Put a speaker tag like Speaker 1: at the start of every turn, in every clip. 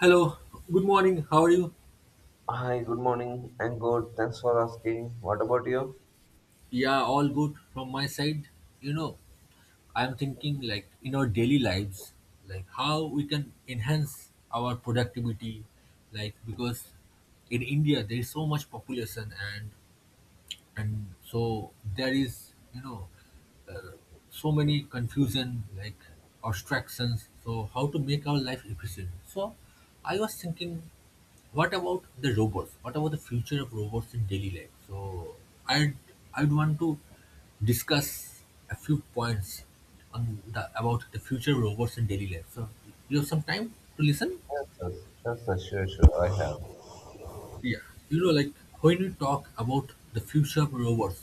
Speaker 1: Hello, good morning. How are you?
Speaker 2: Hi, good morning. I'm good. Thanks for asking. What about you?
Speaker 1: Yeah, all good from my side. You know, I'm thinking like in our daily lives, like how we can enhance our productivity, like because in India there is so much population and so there is uh, so many confusion like abstractions, so how to make our life efficient. So I was thinking, what about the robots? What about the future of robots in daily life? So i'd I'd want to discuss a few points on the about the future of robots in daily life. So you have some time to listen?
Speaker 2: Yes, yes, yes, yes, sure, sure, I have.
Speaker 1: Yeah, you know, like when we talk about the future of robots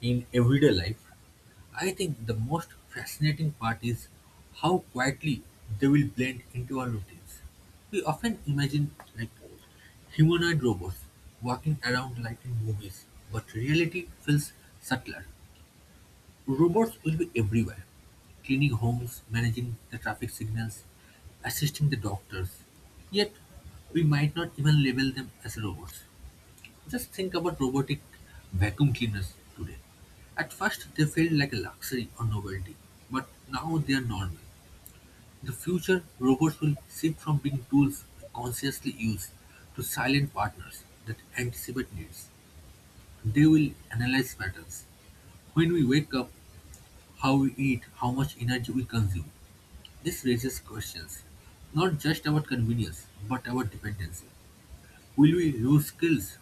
Speaker 1: in everyday life, I think the most fascinating part is how quietly they will blend into our routines. We often imagine like humanoid robots walking around like in movies, but reality feels subtler. Robots will be everywhere, cleaning homes, managing the traffic signals, assisting the doctors. Yet, we might not even label them as robots. Just think about robotic vacuum cleaners today. At first, they felt like a luxury or novelty, but now they are normal. In the future, robots will shift from being tools consciously used to silent partners that anticipate needs. They will analyze patterns. When we wake up, how we eat, how much energy we consume. This raises questions, not just about convenience, but about dependency. Will we lose skills,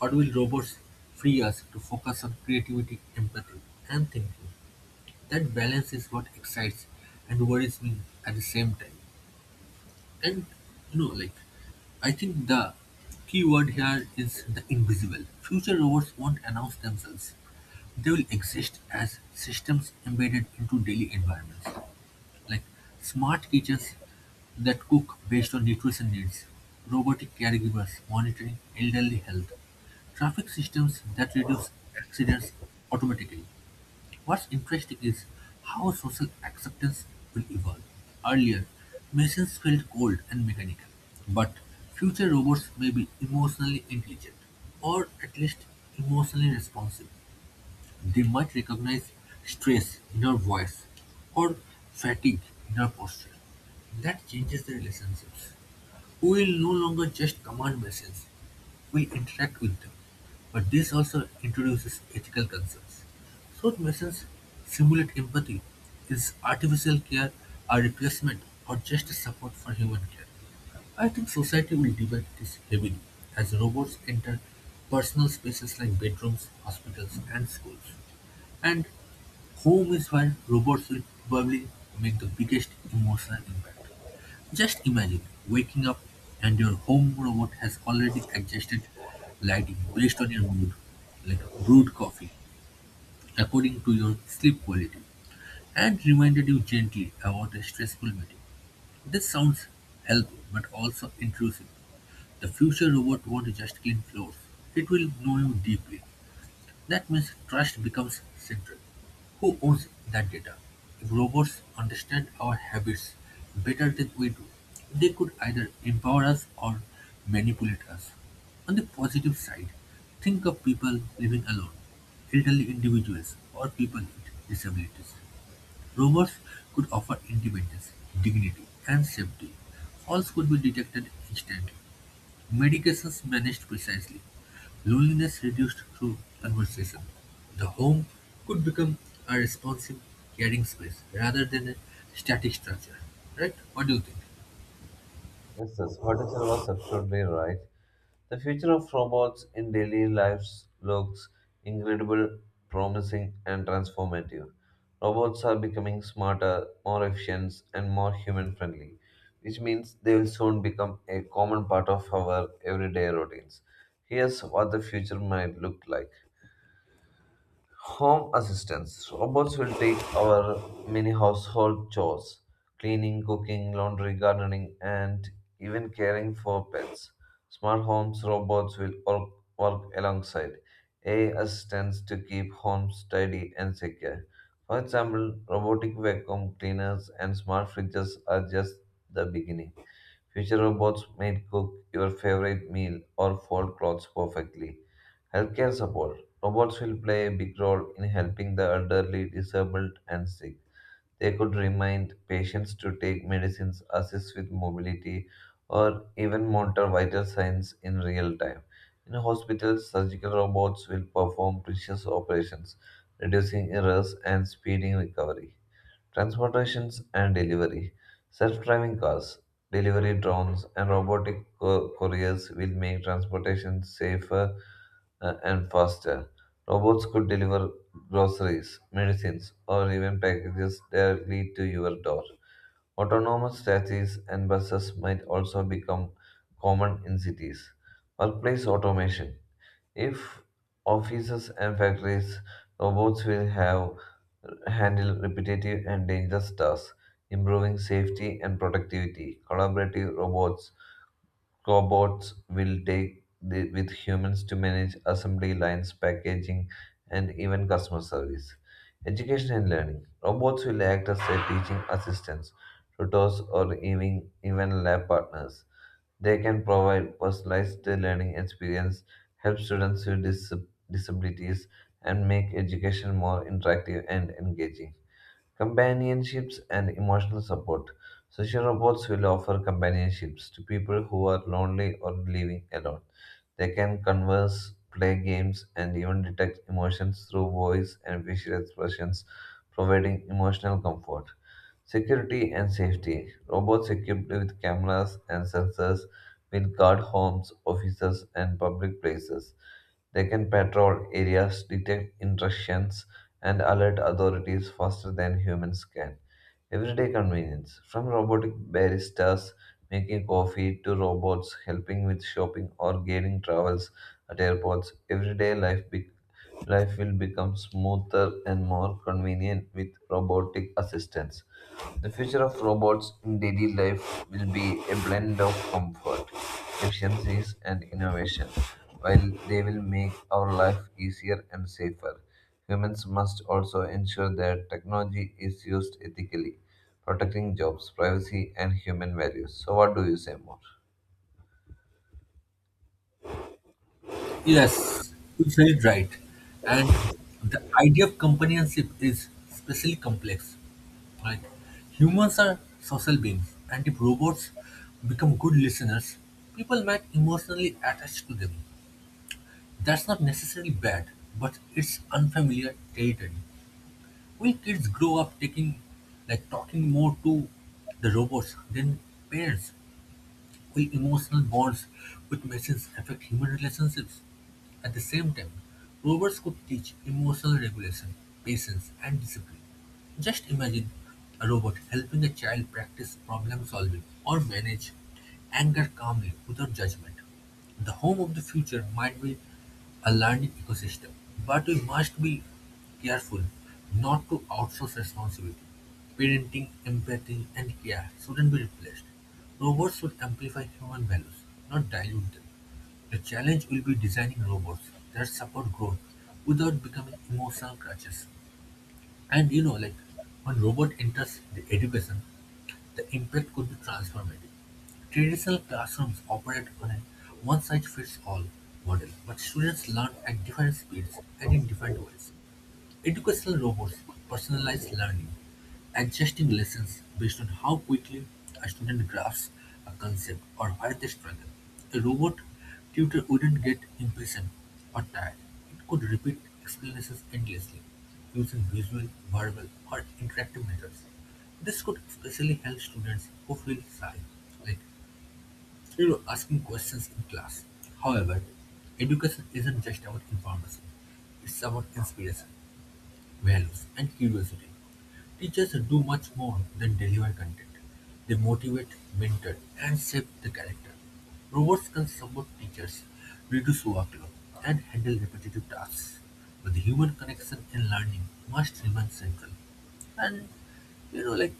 Speaker 1: or will robots free us to focus on creativity, empathy, and thinking? That balance is what excites and worries me at the same time. And you know, like, I think the key word here is the invisible. Future robots won't announce themselves, they will exist as systems embedded into daily environments like smart kitchens that cook based on nutrition needs, robotic caregivers monitoring elderly health, traffic systems that reduce accidents automatically. What's interesting is how social acceptance will evolve. Earlier, machines felt cold and mechanical, but future robots may be emotionally intelligent or at least emotionally responsive. They might recognize stress in our voice or fatigue in our posture. That changes the relationships. We will no longer just command messages, we interact with them. But this also introduces ethical concerns. Should messages simulate empathy? Is artificial care a replacement or just a support for human care? I think society will debate this heavily as robots enter personal spaces like bedrooms, hospitals, and schools. And home is where robots will probably make the biggest emotional impact. Just imagine waking up and your home robot has already adjusted lighting based on your mood, like brewed coffee, according to your sleep quality, and reminded you gently about a stressful meeting. This sounds helpful but also intrusive. The future robot won't just clean floors. It will know you deeply. That means trust becomes central. Who owns that data? If robots understand our habits better than we do, they could either empower us or manipulate us. On the positive side, think of people living alone, elderly individuals, or people with disabilities. Robots could offer independence, dignity, and safety. Falls could be detected instantly; medications managed precisely; loneliness reduced through conversation. The home could become a responsive, caring space rather than a static structure. Right? What do you think?
Speaker 2: Yes, yes, what is was absolutely right. The future of robots in daily lives looks incredible, promising, and transformative. Robots are becoming smarter, more efficient, and more human friendly, which means they will soon become a common part of our everyday routines. Here's what the future might look like. Home assistance robots will take our many household chores, cleaning, cooking, laundry, gardening, and even caring for pets. Smart homes robots will work alongside AI assistants to keep homes tidy and secure. For example, robotic vacuum cleaners and smart fridges are just the beginning. Future robots may cook your favorite meal or fold clothes perfectly. Healthcare support. Robots will play a big role in helping the elderly, disabled, and sick. They could remind patients to take medicines, assist with mobility, or even monitor vital signs in real time. In hospitals, surgical robots will perform precious operations, reducing errors and speeding recovery. Transportations and delivery. Self-driving cars, delivery drones, and robotic couriers will make transportation safer and faster. Robots could deliver groceries, medicines, or even packages directly to your door. Autonomous taxis and buses might also become common in cities. Workplace automation. If offices and factories, robots will have handle repetitive and dangerous tasks, improving safety and productivity. Collaborative robots. Robots will take the, with humans to manage assembly lines, packaging, and even customer service. Education and learning. Robots will act as a teaching assistants, tutors, or even lab partners. They can provide personalized learning experience, help students with disabilities, and make education more interactive and engaging. Companionships and emotional support. Social robots will offer companionships to people who are lonely or living alone. They can converse, play games, and even detect emotions through voice and facial expressions, providing emotional comfort. Security and safety. Robots equipped with cameras and sensors will guard homes, offices, and public places. They can patrol areas, detect intrusions, and alert authorities faster than humans can. Everyday convenience, from robotic baristas making coffee to robots helping with shopping or guiding travels at airports, everyday life will become smoother and more convenient with robotic assistance. The future of robots in daily life will be a blend of comfort, efficiencies, and innovation. While they will make our life easier and safer, humans must also ensure that technology is used ethically, protecting jobs, privacy, and human values. So, what do you say more?
Speaker 1: Yes, you said it right. And the idea of companionship is especially complex. Right. Humans are social beings, and if robots become good listeners, people might emotionally attach to them. That's not necessarily bad, but it's unfamiliar territory. Will kids grow up like, talking more to the robots than parents? Will emotional bonds with machines affect human relationships? At the same time, robots could teach emotional regulation, patience, and discipline. Just imagine a robot helping a child practice problem solving or manage anger calmly without judgment. The home of the future might be a learning ecosystem, but we must be careful not to outsource responsibility. Parenting, empathy, and care shouldn't be replaced. Robots should amplify human values, not dilute them. The challenge will be designing robots that support growth without becoming emotional crutches. And when robot enters the education, the impact could be transformative. Traditional classrooms operate on a one-size-fits-all model, but students learn at different speeds and in different ways. Educational robots could personalize learning, adjusting lessons based on how quickly a student grasps a concept or where they struggle. A robot tutor wouldn't get impatient or tired. It could repeat explanations endlessly using visual, verbal, or interactive methods. This could especially help students who feel shy, like asking questions in class. However, education isn't just about information, it's about inspiration, values, and curiosity. Teachers do much more than deliver content. They motivate, mentor, and shape the character. Robots can support teachers, reduce workload, and handle repetitive tasks. But the human connection in learning must remain central. And you know, like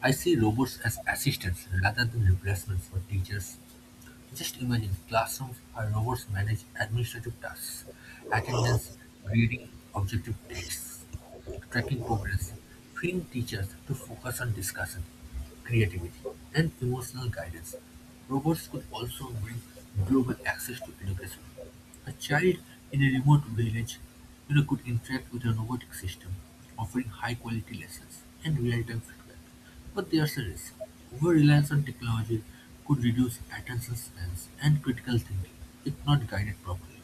Speaker 1: I see robots as assistants rather than replacements for teachers. Just imagine classrooms where robots manage administrative tasks, attendance, grading, objective tests, tracking progress, freeing teachers to focus on discussion, creativity, and emotional guidance. Robots could also bring global access to education. A child in a remote village could interact with a robotic system, offering high quality lessons and real time feedback. But there's a risk: over-reliance on technology could reduce attention spans and critical thinking if not guided properly.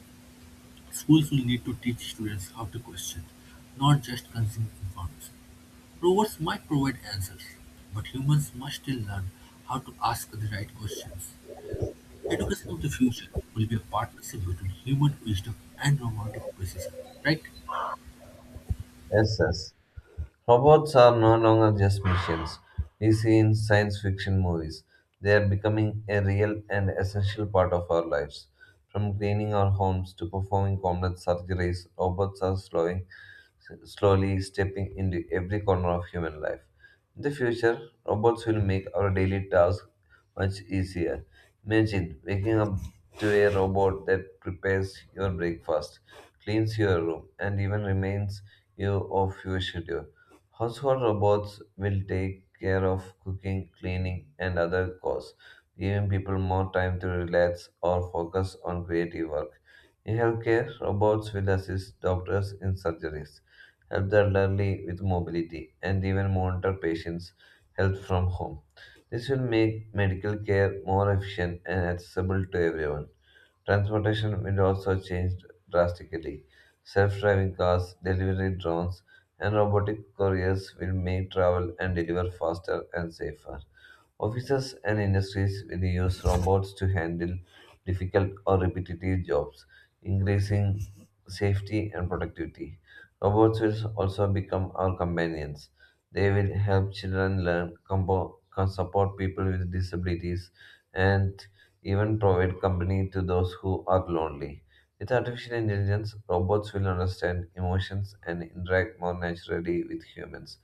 Speaker 1: Schools will need to teach students how to question, not just consume information. Robots might provide answers, but humans must still learn how to ask the right questions. Education of the future will be a partnership between human wisdom and robotic precision, right?
Speaker 2: Yes, yes. Robots are no longer just machines we see in science fiction movies. They are becoming a real and essential part of our lives. From cleaning our homes to performing complex surgeries, robots are slowing slowly stepping into every corner of human life. In the future, robots will make our daily tasks much easier. Imagine waking up to a robot that prepares your breakfast, cleans your room, and even reminds you of your schedule. Household robots will take care of cooking, cleaning, and other chores, giving people more time to relax or focus on creative work. In healthcare, robots will assist doctors in surgeries, help the elderly with mobility, and even monitor patients' health from home. This will make medical care more efficient and accessible to everyone. Transportation will also change drastically. Self driving cars, delivery drones, and robotic couriers will make travel and deliver faster and safer. Offices and industries will use robots to handle difficult or repetitive jobs, increasing safety and productivity. Robots will also become our companions. They will help children learn, can support people with disabilities, and even provide company to those who are lonely. With artificial intelligence, robots will understand emotions and interact more naturally with humans.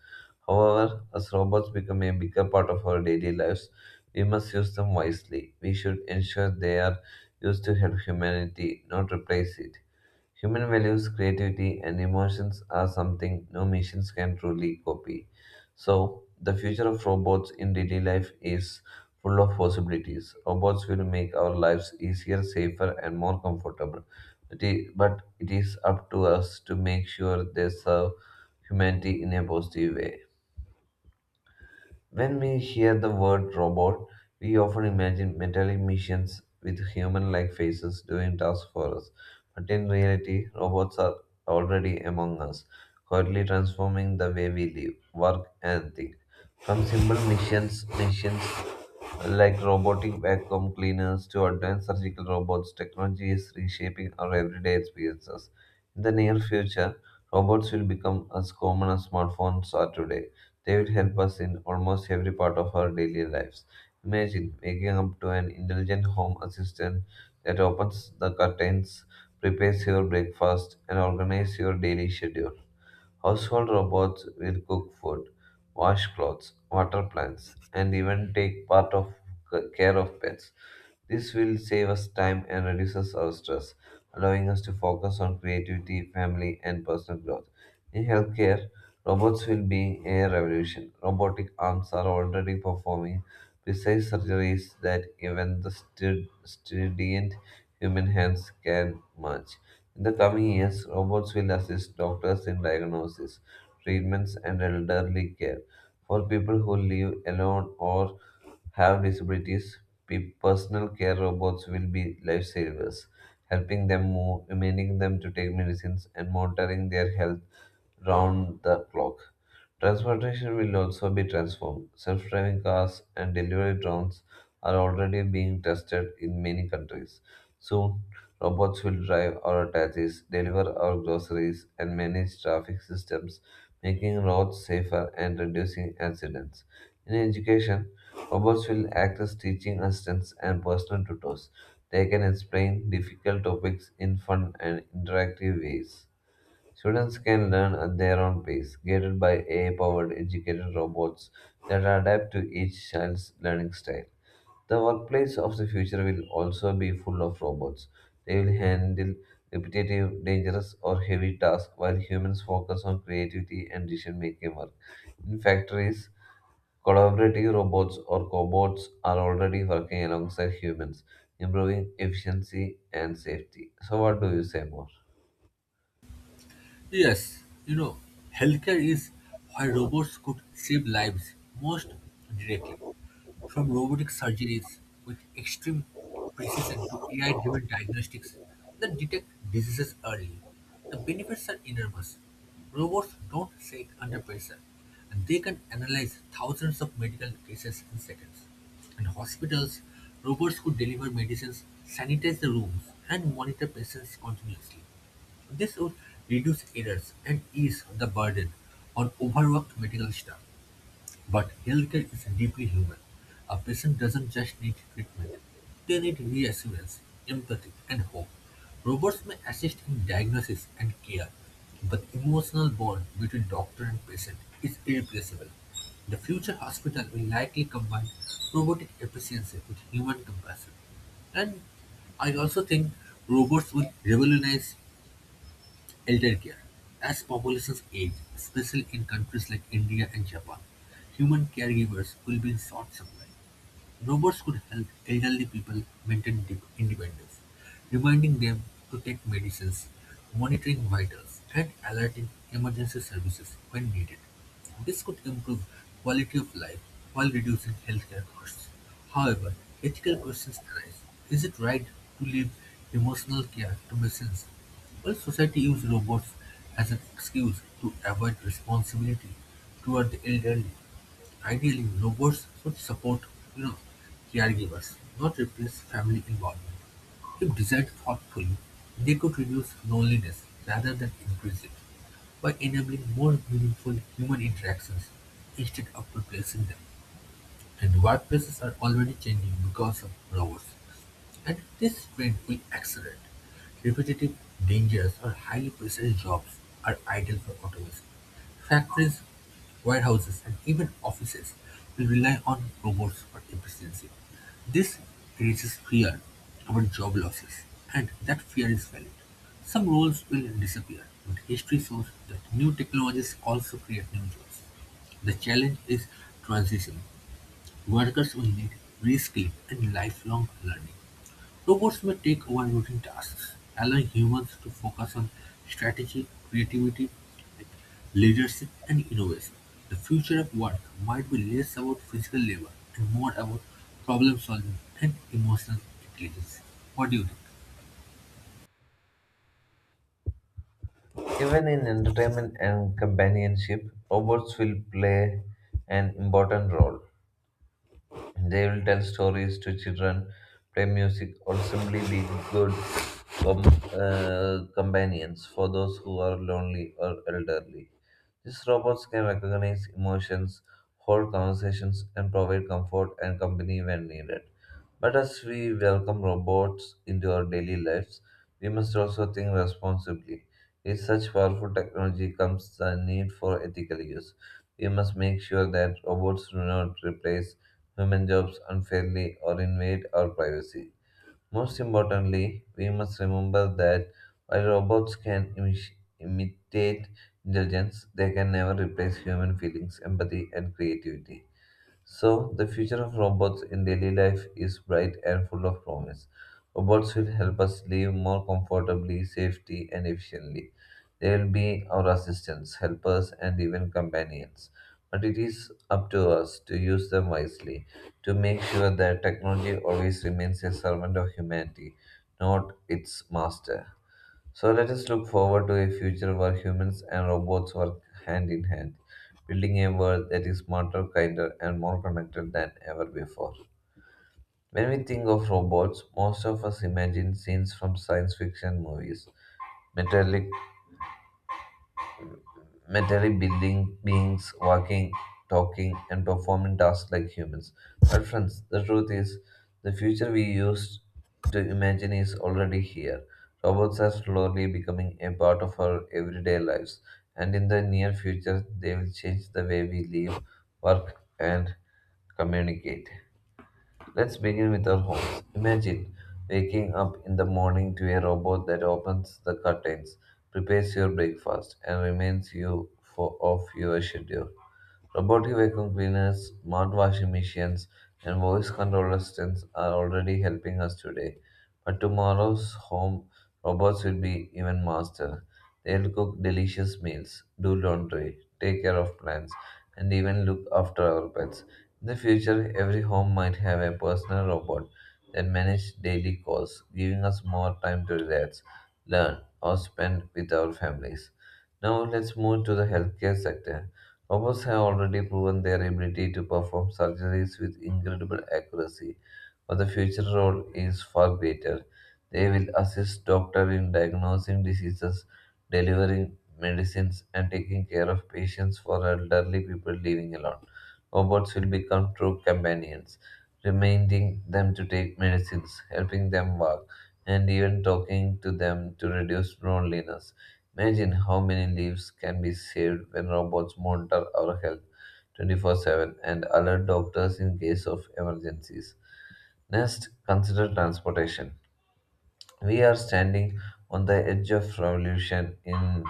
Speaker 2: However, as robots become a bigger part of our daily lives, we must use them wisely. We should ensure they are used to help humanity, not replace it. Human values, creativity, and emotions are something no machines can truly copy. So, the future of robots in daily life is full of possibilities. Robots will make our lives easier, safer, and more comfortable. But it is up to us to make sure they serve humanity in a positive way. When we hear the word robot, we often imagine metallic machines with human like faces doing tasks for us. But in reality, robots are already among us, quietly transforming the way we live, work, and think. From simple missions, machines like robotic vacuum cleaners to advanced surgical robots, technology is reshaping our everyday experiences. In the near future, robots will become as common as smartphones are today. They will help us in almost every part of our daily lives. Imagine waking up to an intelligent home assistant that opens the curtains, prepares your breakfast, and organizes your daily schedule. Household robots will cook food, wash clothes, water plants, and even take part of care of pets. This will save us time and reduces our stress, allowing us to focus on creativity, family, and personal growth. In healthcare, robots will be a revolution. Robotic arms are already performing precise surgeries that even the student human hands can match. In the coming years, robots will assist doctors in diagnosis, treatments, and elderly care. For people who live alone or have disabilities, personal care robots will be lifesavers, helping them move, reminding them to take medicines, and monitoring their health round the clock. Transportation will also be transformed. Self driving cars and delivery drones are already being tested in many countries. Soon, robots will drive our taxis, deliver our groceries, and manage traffic systems, making roads safer and reducing accidents. In education, robots will act as teaching assistants and personal tutors. They can explain difficult topics in fun and interactive ways. Students can learn at their own pace, guided by AI powered educated robots that adapt to each child's learning style. The workplace of the future will also be full of robots. They will handle repetitive, dangerous, or heavy tasks while humans focus on creativity and decision making work. In factories, collaborative robots or cobots are already working alongside humans, improving efficiency and safety. So, what do you say more?
Speaker 1: Yes, you know, healthcare is where robots could save lives most directly. From robotic surgeries with extreme precision to AI-driven diagnostics that detect diseases early, the benefits are enormous. Robots don't shake under pressure, and they can analyze thousands of medical cases in seconds. In hospitals, robots could deliver medicines, sanitize the rooms, and monitor patients continuously. This would reduce errors and ease the burden on overworked medical staff. But healthcare is deeply human. A patient doesn't just need treatment, they need reassurance, empathy, and hope. Robots may assist in diagnosis and care, but emotional bond between doctor and patient is irreplaceable. The future hospital will likely combine robotic efficiency with human compassion. And I also think robots will revolutionize elder care. As populations age, especially in countries like India and Japan, human caregivers will be in short supply. Robots could help elderly people maintain de- independence, reminding them to take medicines, monitoring vitals, and alerting emergency services when needed. This could improve quality of life while reducing healthcare costs. However, ethical questions arise. Is it right to leave emotional care to machines? Will society use robots as an excuse to avoid responsibility toward the elderly? Ideally, robots should support, you know, caregivers, not replace family involvement. If designed thoughtfully, they could reduce loneliness rather than increase it by enabling more meaningful human interactions instead of replacing them. And workplaces are already changing because of robots. At this trend will accelerate. Repetitive, dangerous, or highly precise jobs are ideal for automation. Factories, warehouses, and even offices will rely on robots for efficiency. This raises fear about job losses, and that fear is valid. Some roles will disappear, but history shows that new technologies also create new jobs. The challenge is transition. Workers will need reskilling and lifelong learning. Robots may take over routine tasks, allowing humans to focus on strategy, creativity, like leadership, and innovation. The future of work might be less about physical labor and more about problem solving and emotional intelligence. What do you think?
Speaker 2: Even in entertainment and companionship, robots will play an important role. They will tell stories to children, play music, or simply be good com- companions for those who are lonely or elderly. These robots can recognize emotions, hold conversations, and provide comfort and company when needed. But as we welcome robots into our daily lives, we must also think responsibly. If such powerful technology comes the need for ethical use, we must make sure that robots do not replace women jobs unfairly or invade our privacy. Most importantly, we must remember that while robots can imitate intelligence, they can never replace human feelings, empathy, and creativity. So, the future of robots in daily life is bright and full of promise. Robots will help us live more comfortably, safely, and efficiently. They will be our assistants, helpers, and even companions. But it is up to us to use them wisely, to make sure that technology always remains a servant of humanity, not its master. So let us look forward to a future where humans and robots work hand in hand, building a world that is smarter, kinder, and more connected than ever before. When we think of robots, most of us imagine scenes from science fiction movies, metallic rudimentary building beings walking, talking, and performing tasks like humans. But, friends, the truth is, the future we used to imagine is already here. Robots are slowly becoming a part of our everyday lives, and in the near future, they will change the way we live, work, and communicate. Let's begin with our homes. Imagine waking up in the morning to a robot that opens the curtains, prepares your breakfast, and reminds you of your schedule. Robotic vacuum cleaners, smart washing machines, and voice control assistants are already helping us today. But tomorrow's home robots will be even master. They'll cook delicious meals, do laundry, take care of plants, and even look after our pets. In the future, every home might have a personal robot that manages daily chores, giving us more time to relax, learn, or spend with our families. Now, let's move to the healthcare sector. Robots have already proven their ability to perform surgeries with incredible accuracy, but the future role is far greater. They will assist doctors in diagnosing diseases, delivering medicines, and taking care of patients for elderly people living alone. Robots will become true companions, reminding them to take medicines, helping them walk, and even talking to them to reduce loneliness. Imagine how many lives can be saved when robots monitor our health 24/7 and alert doctors in case of emergencies. Next, consider transportation. We are standing on the edge of revolution in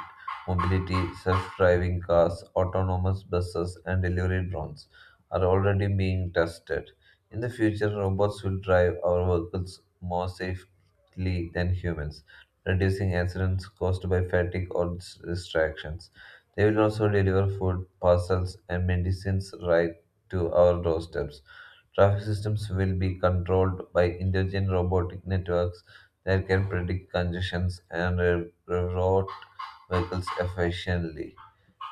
Speaker 2: mobility. Self driving cars, autonomous buses, and delivery drones are already being tested. In the future, robots will drive our vehicles more safely than humans, reducing accidents caused by fatigue or distractions. They will also deliver food, parcels, and medicines right to our doorsteps. Traffic systems will be controlled by intelligent robotic networks that can predict congestions and route vehicles efficiently.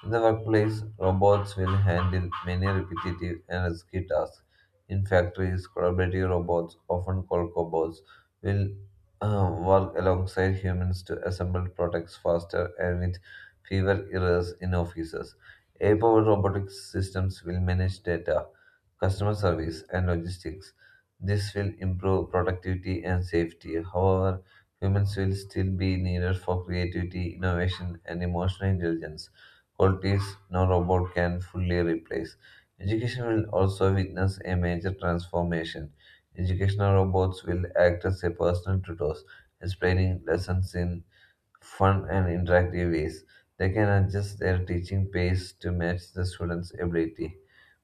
Speaker 2: In the workplace, robots will handle many repetitive and risky tasks. In factories, collaborative robots, often called cobots, will work alongside humans to assemble products faster and with fewer errors. In offices, AI-powered robotic systems will manage data, customer service, and logistics. This will improve productivity and safety. However, humans will still be needed for creativity, innovation, and emotional intelligence, qualities no robot can fully replace. Education will also witness a major transformation. Educational robots will act as a personal tutors, explaining lessons in fun and interactive ways. They can adjust their teaching pace to match the students' ability,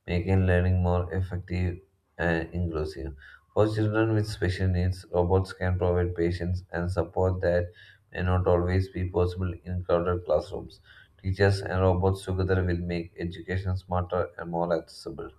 Speaker 2: making learning more effective and inclusive. For children with special needs, robots can provide patience and support that may not always be possible in crowded classrooms. Teachers and robots together will make education smarter and more accessible.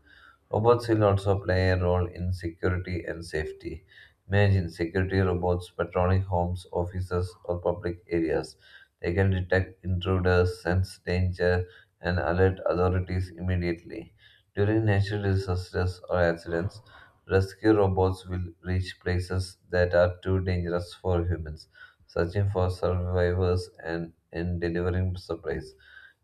Speaker 2: Robots will also play a role in security and safety. Imagine security robots patrolling homes, offices, or public areas. They can detect intruders, sense danger, and alert authorities immediately. During natural disasters or accidents, rescue robots will reach places that are too dangerous for humans, searching for survivors and delivering supplies.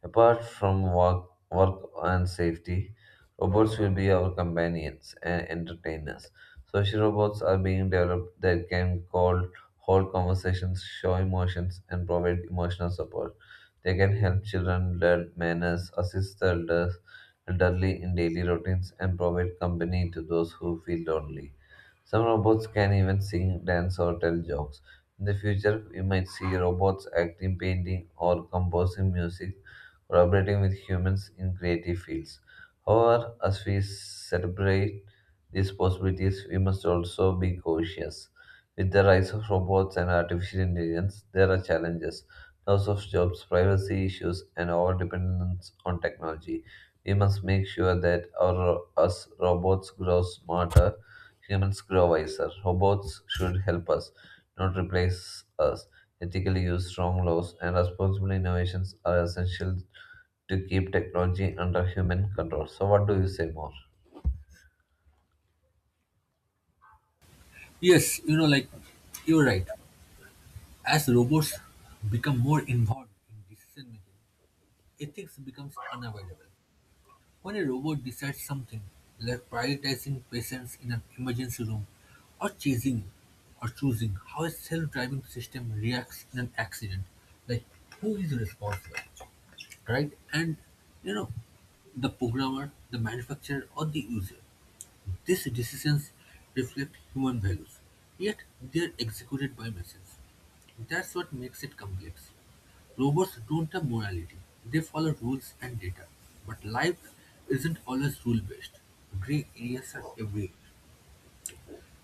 Speaker 2: Apart from work and safety, robots will be our companions and entertainers. Social robots are being developed that can call, hold conversations, show emotions, and provide emotional support. They can help children learn manners, assist elderly in daily routines, and provide company to those who feel lonely. Some robots can even sing, dance, or tell jokes. In the future, we might see robots acting, painting, or composing music, collaborating with humans in creative fields. However, as we celebrate these possibilities, we must also be cautious. With the rise of robots and artificial intelligence, there are challenges: loss of jobs, privacy issues, and our dependence on technology. We must make sure as robots grow smarter, humans grow wiser. Robots should help us, not replace us. Ethically used, strong laws and responsible innovations are essential to keep technology under human control. So, what do you say more?
Speaker 1: Yes, you know, like you're right. As robots become more involved in decision making, ethics becomes unavoidable. When a robot decides something, like prioritizing patients in an emergency room, or chasing or choosing how a self-driving system reacts in an accident, like who is responsible, right? And you know, the programmer, the manufacturer, or the user. These decisions reflect human values, yet they are executed by machines. That's what makes it complex. Robots don't have morality, they follow rules and data. But life isn't always rule based. Gray areas are everywhere.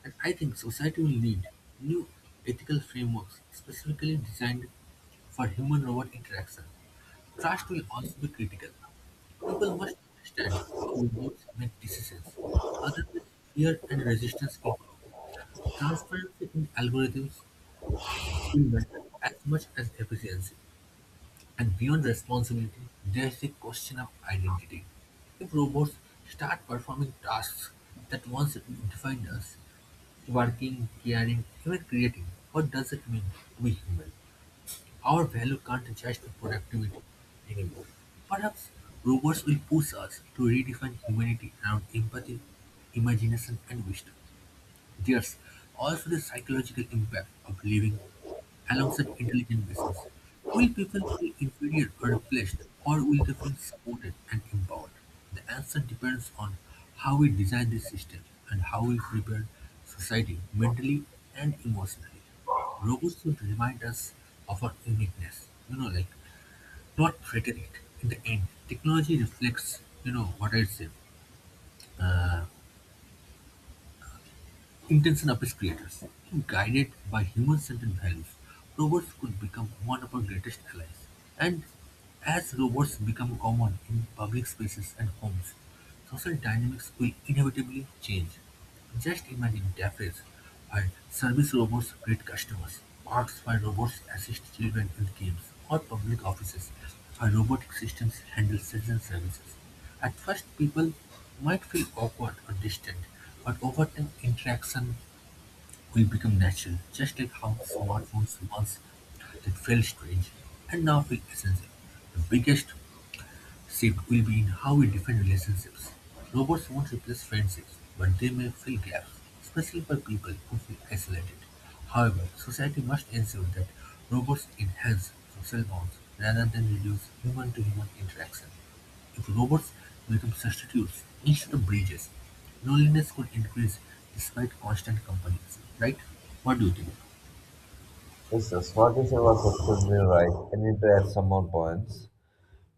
Speaker 1: And I think society will need new ethical frameworks specifically designed for human robot interaction. Trust will also be critical. People must understand how robots make decisions, otherwise fear and resistance improve. Transparency in algorithms will matter as much as efficiency. And beyond responsibility, there's the question of identity. If robots start performing tasks that once defined us, working, caring, even creating, what does it mean to be human? Our value can't just be productivity anymore. Perhaps robots will push us to redefine humanity around empathy, imagination, and wisdom. There's also the psychological impact of living alongside intelligent machines. Will people feel inferior or replaced, or will they feel supported and empowered? The answer depends on how we design this system and how we prepare society mentally and emotionally. Robots should remind us of our uniqueness, not threaten it. In the end, technology reflects, what I said. Intention of its creators. Guided by human-centered values, robots could become one of our greatest allies. And as robots become common in public spaces and homes, social dynamics will inevitably change. Just imagine cafes where service robots greet customers, parks where robots assist children in games, or public offices where robotic systems handle citizen services. At first people might feel awkward or distant, but over time interaction will become natural, just like how smartphones once did felt strange and now feel essential. The biggest shift will be in how we define relationships. Robots won't replace friendships, but they may fill gaps, especially for people who feel isolated. However, society must ensure that robots enhance social bonds rather than reduce human to human interaction. If robots become substitutes instead of bridges, loneliness could increase despite constant companionship, right? What do you think?
Speaker 2: Yes, yes. What you say was absolutely right. I need to add some more points.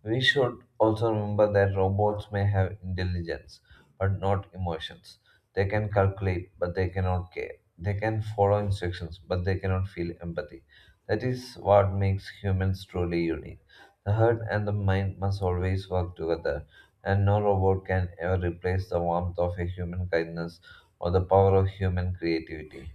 Speaker 2: We should also remember that robots may have intelligence, but not emotions. They can calculate, but they cannot care. They can follow instructions, but they cannot feel empathy. That is what makes humans truly unique. The heart and the mind must always work together, and no robot can ever replace the warmth of a human kindness or the power of human creativity.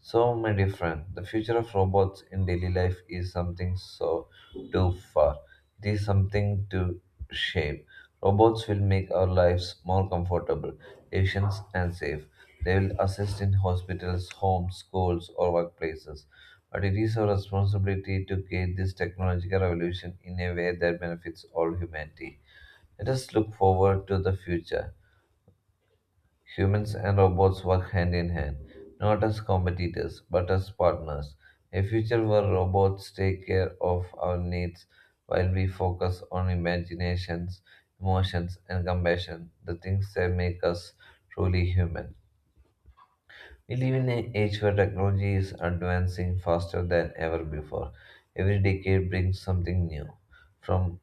Speaker 2: So my dear friend, the future of robots in daily life is something so too far. It is something to shape. Robots will make our lives more comfortable, efficient, and safe. They will assist in hospitals, homes, schools, or workplaces. But it is our responsibility to create this technological revolution in a way that benefits all humanity. Let us look forward to the future. Humans and robots work hand in hand, not as competitors, but as partners. A future where robots take care of our needs while we focus on imaginations, emotions, and compassion, the things that make us truly human. We live in an age where technology is advancing faster than ever before. Every decade brings something new, from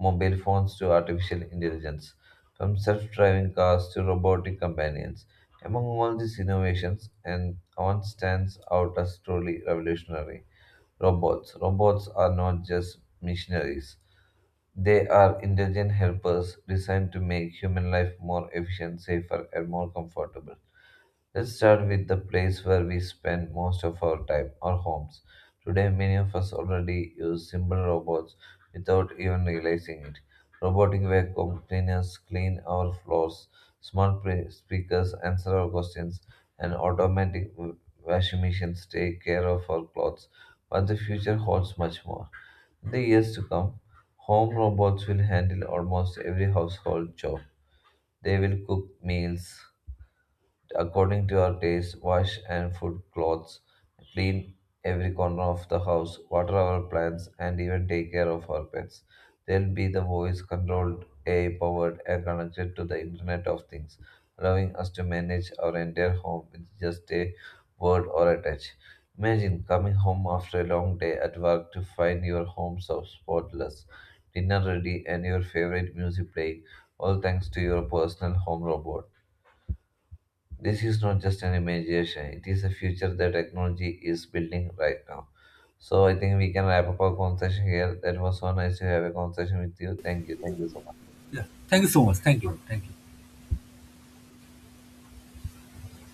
Speaker 2: mobile phones to artificial intelligence, from self driving cars to robotic companions. Among all these innovations, and one stands out as truly revolutionary: robots. Robots are not just missionaries. They are intelligent helpers designed to make human life more efficient, safer, and more comfortable. Let's start with the place where we spend most of our time, our homes. Today, many of us already use simple robots without even realizing it. Robotic vacuum cleaners clean our floors, smart speakers answer our questions, and automatic washing machines take care of our clothes. But the future holds much more. In the years to come, home robots will handle almost every household job. They will cook meals according to our taste, wash and food clothes, clean every corner of the house, water our plants, and even take care of our pets. They'll be the voice controlled, AI powered, and connected to the Internet of Things, allowing us to manage our entire home with just a word or a touch. Imagine coming home after a long day at work to find your home so spotless, dinner ready, and your favorite music playing, all thanks to your personal home robot. This is not just an imagination, it is a future that technology is building right now. So I think we can wrap up our conversation here. That was so nice to have a conversation with you. Thank you. Thank you so much.
Speaker 1: Yeah. Thank you so much. Thank you. Thank you.